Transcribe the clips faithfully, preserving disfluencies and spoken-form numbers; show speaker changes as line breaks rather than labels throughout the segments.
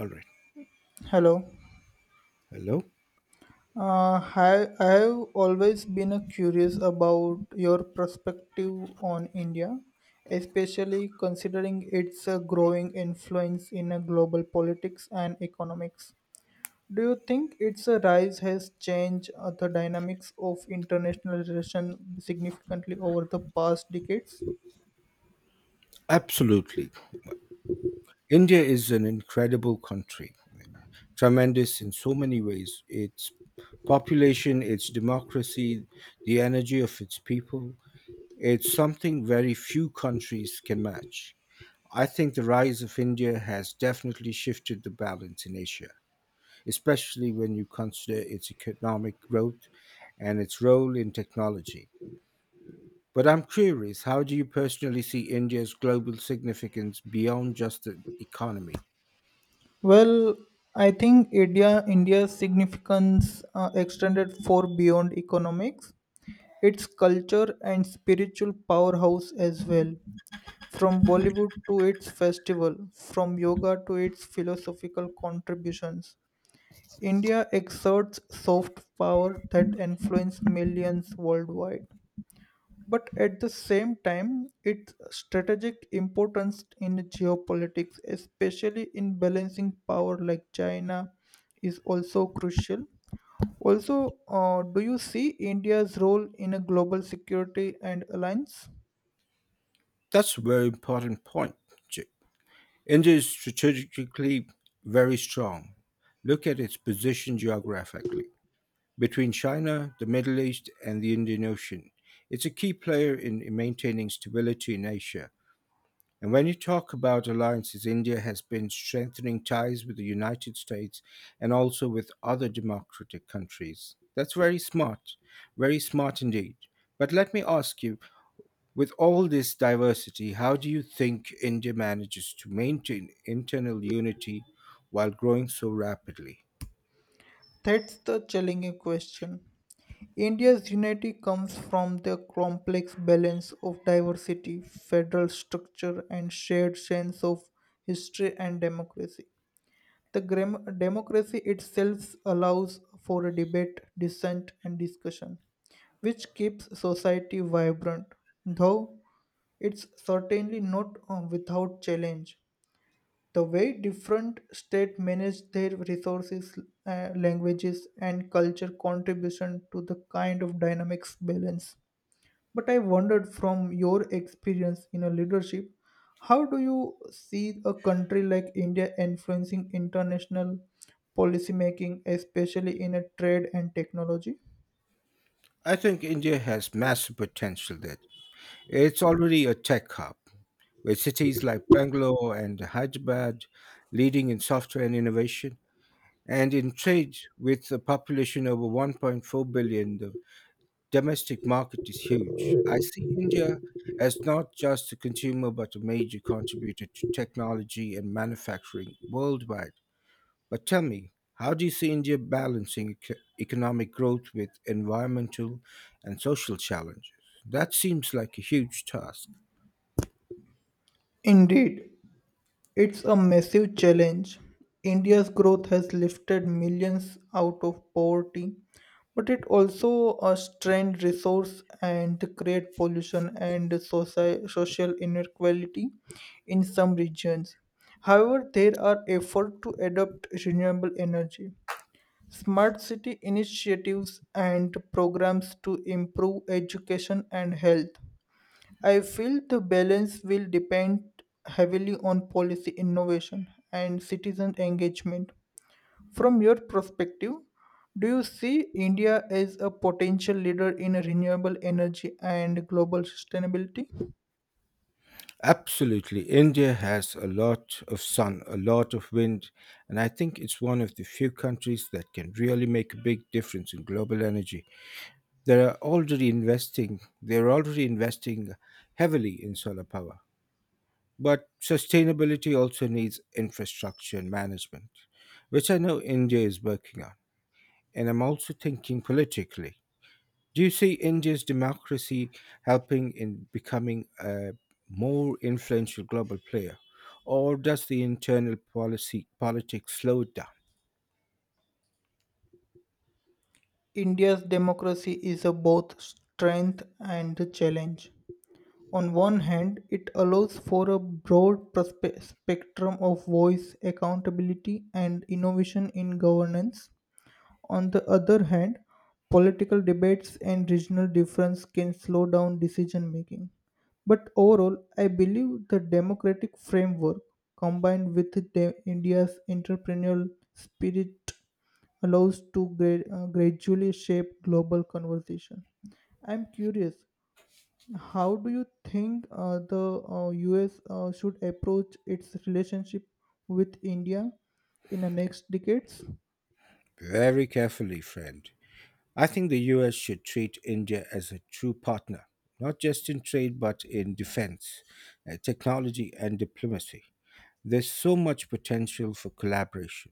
All right.
Hello.
Hello.
Uh, hi, I have always been uh, curious about your perspective on India, especially considering its uh, growing influence in uh, global politics and economics. Do you think its uh, rise has changed uh, the dynamics of international relations significantly over the past decades?
Absolutely. India is an incredible country, tremendous in so many ways. Its population, its democracy, the energy of its people. It's something very few countries can match. I think the rise of India has definitely shifted the balance in Asia, especially when you consider its economic growth and its role in technology. But I'm curious, how do you personally see India's global significance beyond just the economy?
Well, I think India India's significance uh, extended for beyond economics. It's culture and spiritual powerhouse as well. From Bollywood to its festival, from yoga to its philosophical contributions, India exerts soft power that influences millions worldwide. But at the same time, its strategic importance in geopolitics, especially in balancing power like China, is also crucial. Also, uh, do you see India's role in a global security and alliance?
That's a very important point. Ch- India is strategically very strong. Look at its position geographically between China, the Middle East, and the Indian Ocean. It's a key player in maintaining stability in Asia. And when you talk about alliances, India has been strengthening ties with the United States and also with other democratic countries. That's very smart, very smart indeed. But let me ask you, with all this diversity, how do you think India manages to maintain internal unity while growing so rapidly?
That's the challenging question. India's unity comes from the complex balance of diversity, federal structure, and shared sense of history and democracy. The gram- democracy itself allows for a debate, dissent, and discussion, which keeps society vibrant, though it's certainly not uh, without challenge. The way different states manage their resources, uh, languages, and culture contribution to the kind of dynamics balance. But I wondered from your experience in a leadership, how do you see a country like India influencing international policymaking, especially in a trade and technology?
I think India has massive potential there. It's already a tech hub, with cities like Bangalore and Hyderabad leading in software and innovation. And in trade, with a population over one point four billion, the domestic market is huge. I see India as not just a consumer, but a major contributor to technology and manufacturing worldwide. But tell me, how do you see India balancing eco- economic growth with environmental and social challenges? That seems like a huge task.
Indeed, it's a massive challenge. India's growth has lifted millions out of poverty, but it also uh, strained resource and create pollution and soci- social inequality in some regions. However, there are efforts to adopt renewable energy, smart city initiatives, and programs to improve education and health. I feel the balance will depend heavily on policy innovation and citizen engagement. From your perspective, do you see India as a potential leader in renewable energy and global sustainability?
Absolutely. India has a lot of sun, a lot of wind, and I think it's one of the few countries that can really make a big difference in global energy. They are already investing, they're already investing heavily in solar power. But sustainability also needs infrastructure and management, which I know India is working on. And I'm also thinking politically. Do you see India's democracy helping in becoming a more influential global player, or does the internal policy politics slow it down?
India's democracy is a both strength and a challenge. On one hand, it allows for a broad perspe- spectrum of voice, accountability, and innovation in governance. On the other hand, political debates and regional difference can slow down decision making. But overall, I believe the democratic framework combined with the India's entrepreneurial spirit allows to gra- uh, gradually shape global conversation. I'm curious, how do you think uh, the uh, U S uh, should approach its relationship with India in the next decades?
Very carefully, friend. I think the U S should treat India as a true partner, not just in trade but in defense, uh, technology, and diplomacy. There's so much potential for collaboration.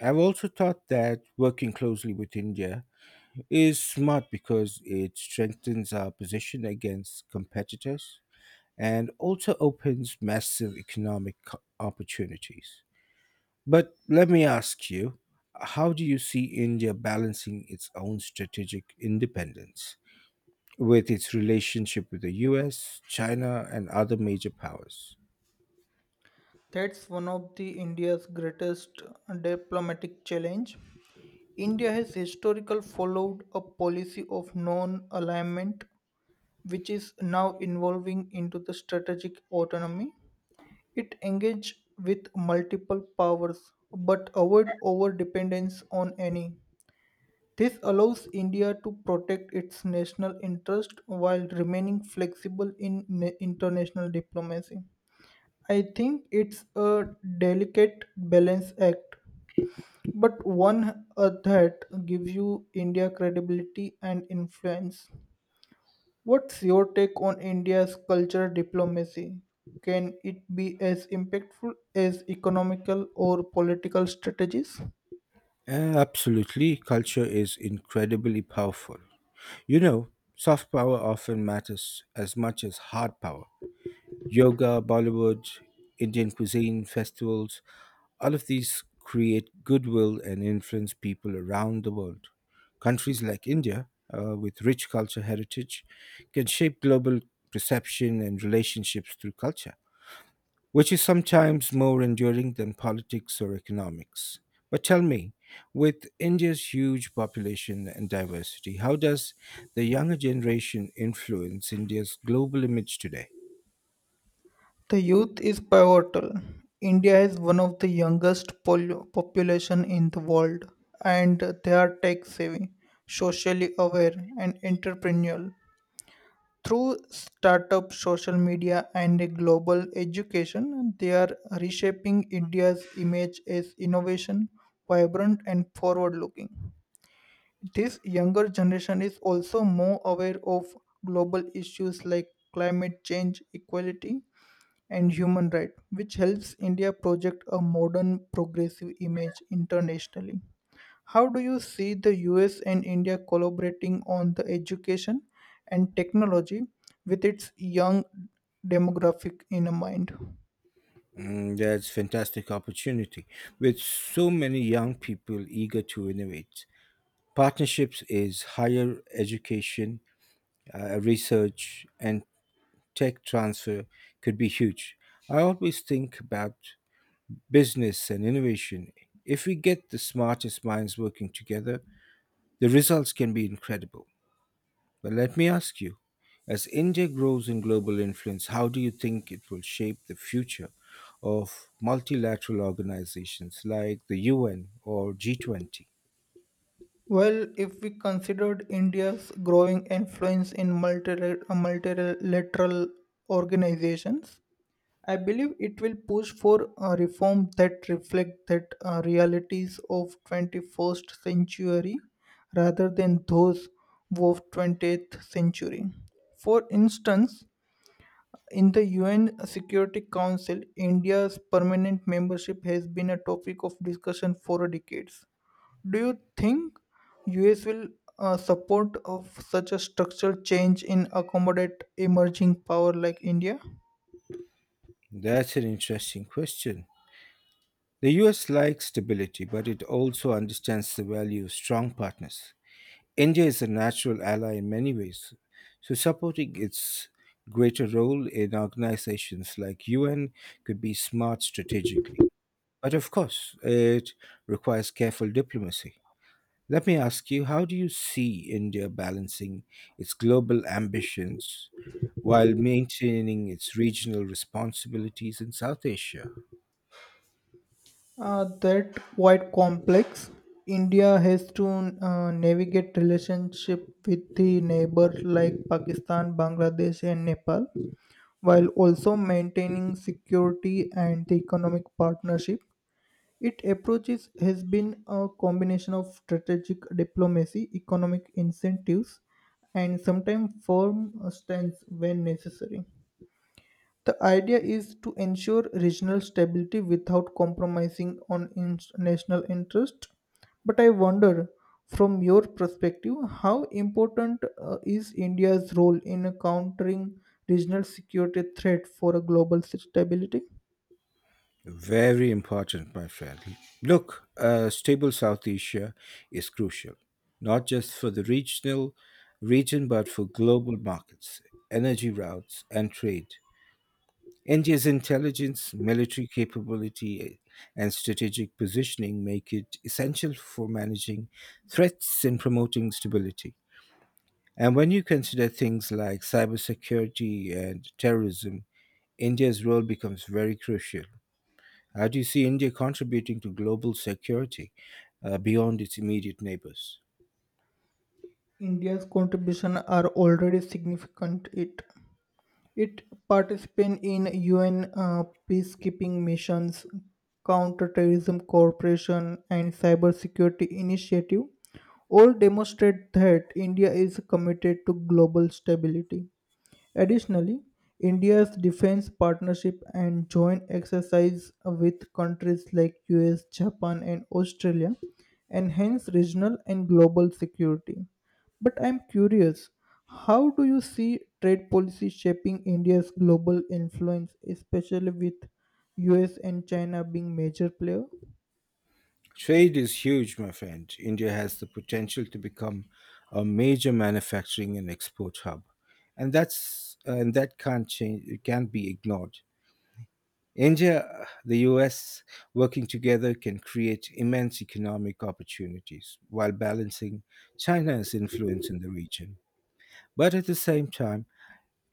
I've also thought that working closely with India is smart because it strengthens our position against competitors and also opens massive economic co- opportunities. But let me ask you, how do you see India balancing its own strategic independence with its relationship with the U S, China, and other major powers?
That's one of the India's greatest diplomatic challenge. India has historically followed a policy of non-alignment, which is now evolving into the strategic autonomy. It engaged with multiple powers, but avoid over-dependence on any. This allows India to protect its national interest while remaining flexible in na- international diplomacy. I think it's a delicate balance act, but one uh, that gives you India credibility and influence. What's your take on India's cultural diplomacy? Can it be as impactful as economical or political strategies?
Uh, Absolutely, culture is incredibly powerful. You know, soft power often matters as much as hard power: yoga, Bollywood, Indian cuisine, festivals, all of these create goodwill and influence people around the world. Countries like India, uh, with rich culture heritage, can shape global perception and relationships through culture, which is sometimes more enduring than politics or economics. But tell me, with India's huge population and diversity, how does the younger generation influence India's global image today?
The youth is pivotal. India has one of the youngest pol- population in the world, and they are tech savvy, socially aware, and entrepreneurial. Through startup social media and a global education, they are reshaping India's image as innovation, vibrant, and forward looking. This younger generation is also more aware of global issues like climate change, equality, and human rights, which helps India project a modern, progressive image internationally. How do you see the U S and India collaborating on the education and technology with its young demographic in mind?
Mm, that's fantastic opportunity. With so many young people eager to innovate, partnerships is higher education, uh, research, and tech transfer could be huge. I always think about business and innovation. If we get the smartest minds working together, the results can be incredible. But let me ask you, as India grows in global influence, how do you think it will shape the future of multilateral organizations like the U N or G twenty?
Well, if we considered India's growing influence in multira- multilateral organizations, I believe it will push for a reform that reflect that uh, realities of twenty-first century rather than those of twentieth century. For instance, in the U N Security Council, India's permanent membership has been a topic of discussion for decades. Do you think U S will uh, support of such a structural change in accommodate emerging power like India?
That's an interesting question. The U S likes stability, but it also understands the value of strong partners. India is a natural ally in many ways, so supporting its greater role in organizations like U N could be smart strategically. But of course, it requires careful diplomacy. Let me ask you, how do you see India balancing its global ambitions while maintaining its regional responsibilities in South Asia?
Uh, that quite complex. India has to uh, navigate relationship with the neighbor like Pakistan, Bangladesh, and Nepal, while also maintaining security and the economic partnership. It approaches has been a combination of strategic diplomacy, economic incentives, and sometimes firm stance when necessary. The idea is to ensure regional stability without compromising on in- national interest. But I wonder, from your perspective, how important uh, is India's role in countering regional security threat for a global stability?
Very important, my friend. Look, a stable South Asia is crucial, not just for the regional region, but for global markets, energy routes, and trade. India's intelligence, military capability, and strategic positioning make it essential for managing threats and promoting stability. And when you consider things like cybersecurity and terrorism, India's role becomes very crucial. How do you see India contributing to global security uh, beyond its immediate neighbors?
India's contribution are already significant. It it participates in U N uh, peacekeeping missions, counterterrorism cooperation, and cybersecurity initiative. All demonstrate that India is committed to global stability. Additionally, India's defense partnership and joint exercise with countries like U S, Japan and Australia enhance regional and global security. But I'm curious, how do you see trade policy shaping India's global influence, especially with U S and China being major players?
Trade is huge, my friend. India has the potential to become a major manufacturing and export hub, and that's uh, and that can't change. It can't be ignored. India, uh, the U S working together can create immense economic opportunities while balancing China's influence in the region. But at the same time,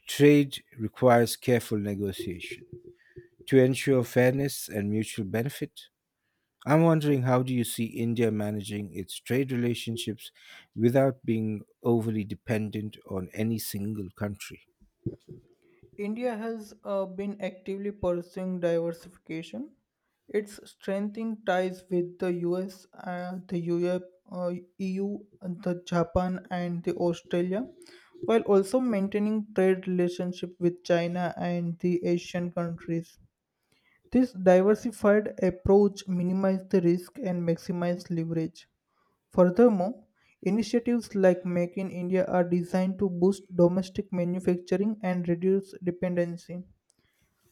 trade requires careful negotiation to ensure fairness and mutual benefit. I'm wondering, how do you see India managing its trade relationships without being overly dependent on any single country?
India has uh, been actively pursuing diversification. It's strengthening ties with the U S, uh, the Europe, uh, E U, the Japan, and the Australia, while also maintaining trade relationship with China and the Asian countries. This diversified approach minimizes the risk and maximizes leverage. Furthermore, initiatives like Make in India are designed to boost domestic manufacturing and reduce dependency.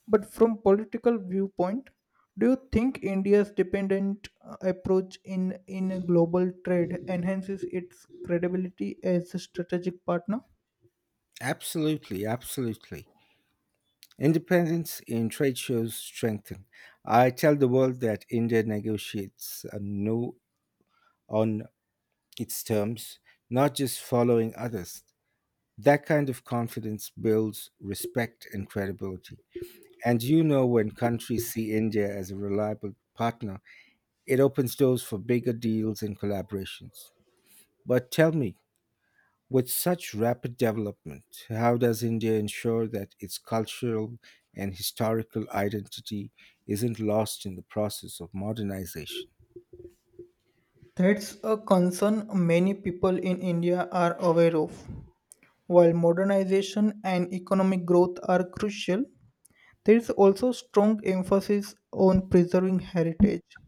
But from political viewpoint, do you think India's dependent uh, approach in in global trade enhances its credibility as a strategic partner?
Absolutely, absolutely. Independence in trade shows strengthen. I tell the world that India negotiates a no on its terms, not just following others. That kind of confidence builds respect and credibility. And you know when countries see India as a reliable partner, it opens doors for bigger deals and collaborations. But tell me, with such rapid development, how does India ensure that its cultural and historical identity isn't lost in the process of modernization?
That's a concern many people in India are aware of. While modernization and economic growth are crucial, there is also strong emphasis on preserving heritage.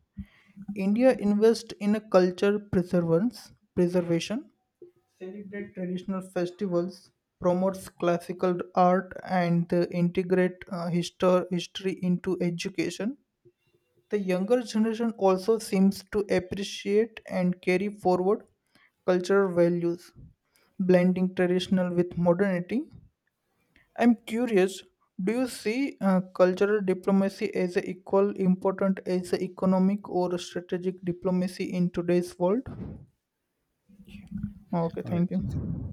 India invests in a culture preservance, preservation, celebrate traditional festivals, promotes classical art, and uh, integrate uh, histor- history into education. The younger generation also seems to appreciate and carry forward cultural values, blending traditional with modernity. I'm curious, do you see uh, cultural diplomacy as a equal important as a economic or strategic diplomacy in today's world? Okay,
All right.
thank
You think-
you.